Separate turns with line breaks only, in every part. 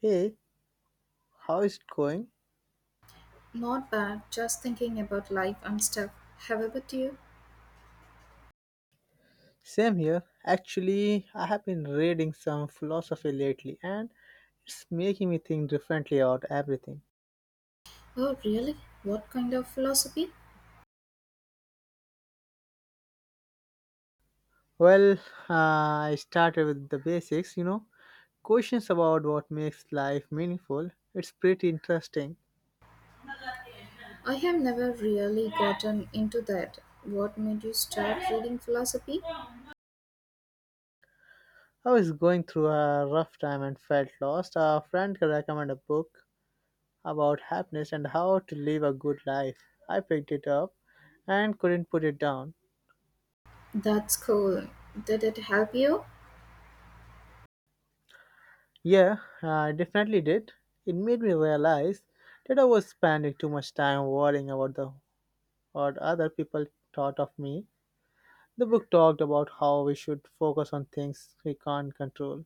Hey, how is it going?
Not bad, just thinking about life and stuff. How about you?
Same here. Actually, I have been reading some philosophy lately, and it's making me think differently about everything.
Oh, really? What kind of philosophy?
Well, I started with the basics, questions about what makes life meaningful. It's pretty interesting.
I have never really gotten into that. What made you start reading philosophy?
I was going through a rough time and felt lost. A friend recommended a book about happiness and how to live a good life. I picked it up and couldn't put it down.
That's cool. Did it help you?
Yeah, I definitely did. It made me realize that I was spending too much time worrying about the what other people thought of me. The book talked about how we should focus on things we can't control.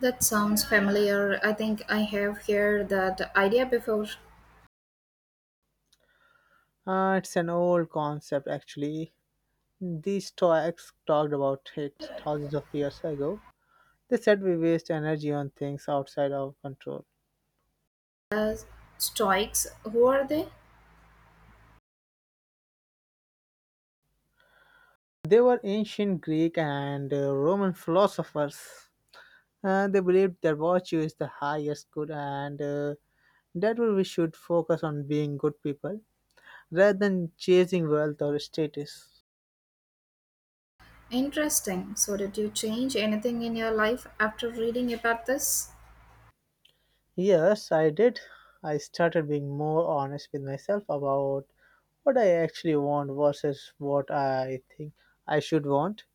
That sounds familiar. I think I have heard that idea before.
It's an old concept, actually. These Stoics talked about it thousands of years ago. They said we waste energy on things outside our control.
Uh, Stoics, who are they?
They were ancient Greek and Roman philosophers. They believed that virtue is the highest good, and we should focus on being good people rather than chasing wealth or status.
Interesting. So, did you change anything in your life after reading about this?
Yes, I did. I started being more honest with myself about what I actually want versus what I think I should want.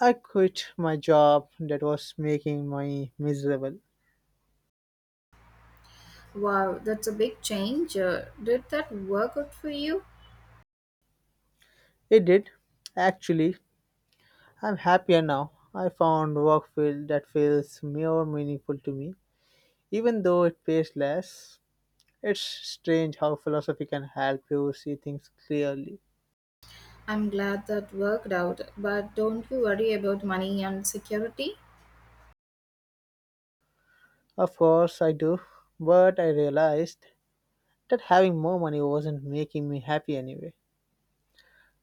I quit my job that was making me miserable.
Wow, that's a big change. Did that work out for you?
It did. Actually, I'm happier now. I found work field that feels more meaningful to me, even though it pays less. It's strange how philosophy can help you see things clearly.
I'm glad that worked out, but don't you worry about money and security?
Of course, I do, but I realized that having more money wasn't making me happy anyway.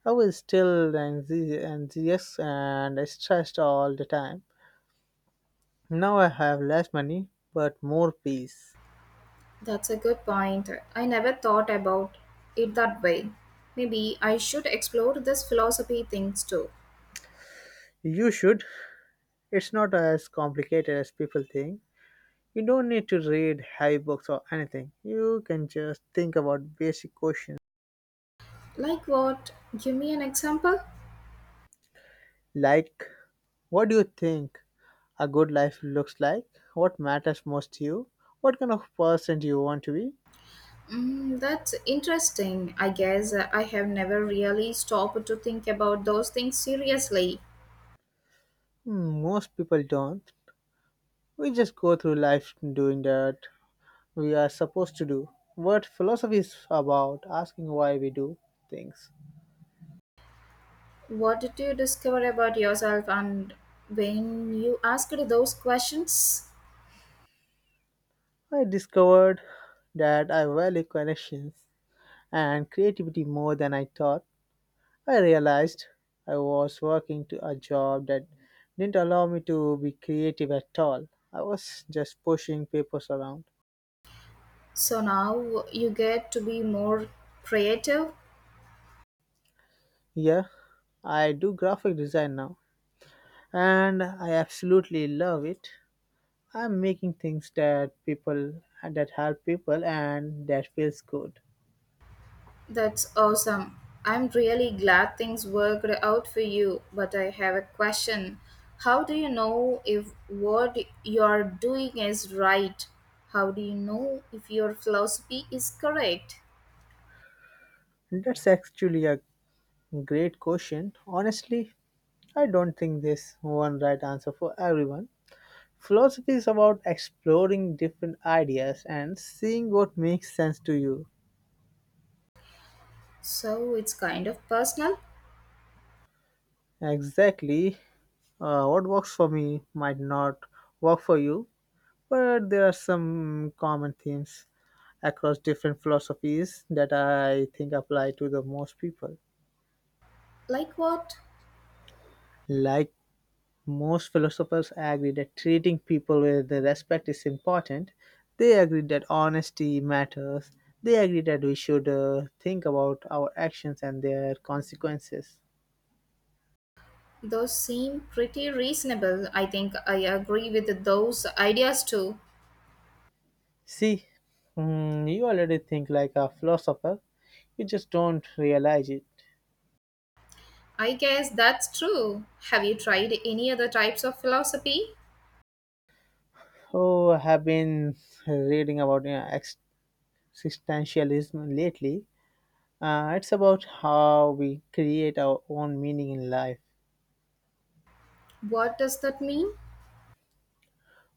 I was still enthusiastic and stressed all the time. Now I have less money, but more peace.
That's a good point. I never thought about it that way. Maybe I should explore this philosophy things too.
You should. It's not as complicated as people think. You don't need to read heavy books or anything. You can just think about basic questions
Like what? Give me an example?
like what do you think a good life looks like, what matters most to you, what kind of person do you want to be.
Mm, that's interesting. I guess I have never really stopped to think about those things seriously.
Hmm. Most people don't. We just go through life doing that we are supposed to do. What philosophy is about asking why we do things.
What did you discover about yourself and when you asked those questions?
I discovered that I value connections and creativity more than I thought. I realized I was working to a job that didn't allow me to be creative at all. I was just pushing papers around.
So now you get to be more creative.
Yeah, I do graphic design now, and I absolutely love it. I'm making things that people that help people, and that feels good.
That's awesome. I'm really glad things worked out for you, but I have a question. How do you know if what you're doing is right? How do you know if your philosophy is correct?
That's actually a great question. Honestly, I don't think there's one right answer for everyone. Philosophy is about exploring different ideas and seeing what makes sense to you.
So it's kind of personal.
Exactly, what works for me might not work for you, but there are some common themes across different philosophies that I think apply to the most people.
Like what?
Like most philosophers agree that treating people with respect is important, they agree that honesty matters, they agree that we should think about our actions and their consequences.
Those seem pretty reasonable. I think I agree with those ideas too.
See, mm, you already think like a philosopher, you just don't realize it.
I guess that's true. Have you tried any other types of philosophy?
Oh, I have been reading about existentialism lately. It's about how we create our own meaning in life.
What does that mean?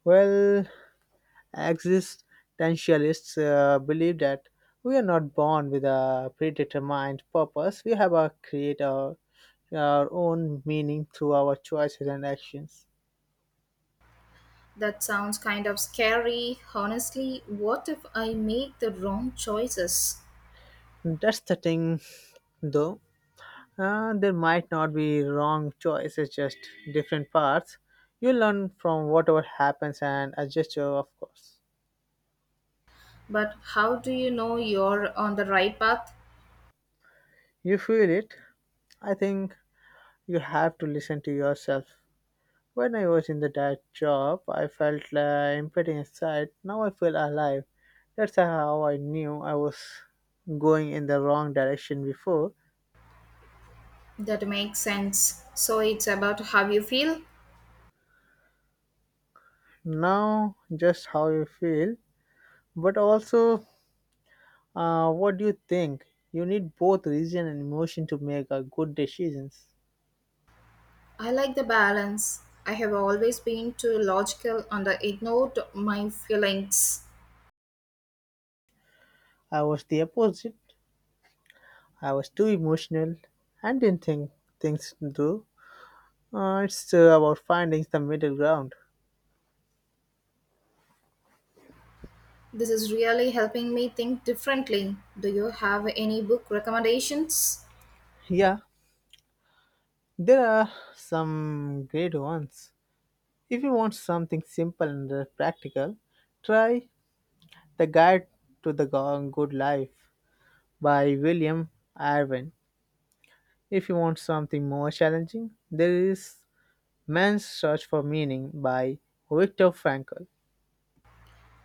Well, existentialists believe that we are not born with a predetermined purpose. We have to create our own meaning through our choices and actions.
That sounds kind of scary. Honestly, what if I make the wrong choices?
That's the thing, though. There might not be wrong choices, just different paths. You learn from whatever happens and adjust your, of course.
But how do you know you're on the right path?
You feel it? I think you have to listen to yourself. When I was in the dad job, I felt empty inside. Now I feel alive. That's how I knew I was going in the wrong direction before.
That makes sense. So it's about how you feel?
Now, just how you feel, but also what do you think? You need both reason and emotion to make a good decisions.
I like the balance. I have always been too logical and I ignored my feelings.
I was the opposite. I was too emotional and didn't think things through. It's about finding the middle ground.
This is really helping me think differently. Do you have any book recommendations?
Yeah, there are some great ones. If you want something simple and practical, try The Guide to the Good Life by William Irwin. If you want something more challenging, there is Man's Search for Meaning by Viktor Frankl.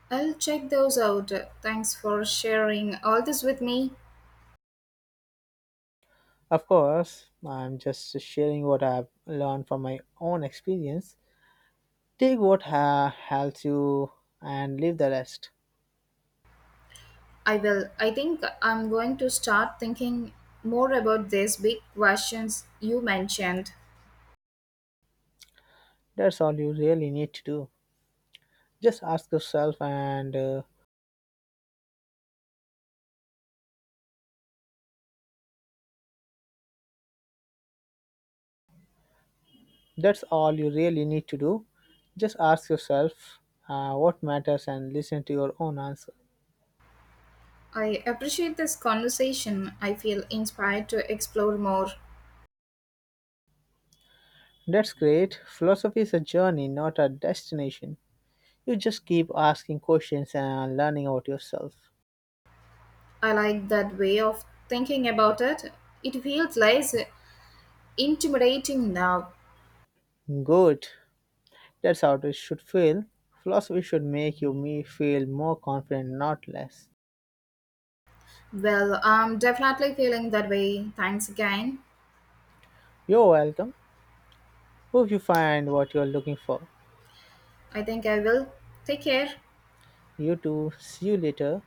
I'll check those out. Thanks for sharing all this with me.
Of course, I'm just sharing what I've learned from my own experience. Take what helps you and leave the rest.
I will. I think I'm going to start thinking more about these big questions you mentioned.
That's all you really need to do. Just ask yourself, and that's all you really need to do. Just ask yourself what matters and listen to your own answer.
I appreciate this conversation. I feel inspired to explore more.
That's great. Philosophy is a journey, not a destination. You just keep asking questions and learning about yourself.
I like that way of thinking about it. It feels less intimidating now.
Good. That's how it should feel. Philosophy should make you me feel more confident, not less.
Well, I'm definitely feeling that way. Thanks again.
You're welcome. Hope you find what you're looking for.
I think I will. Take care.
You too. See you later.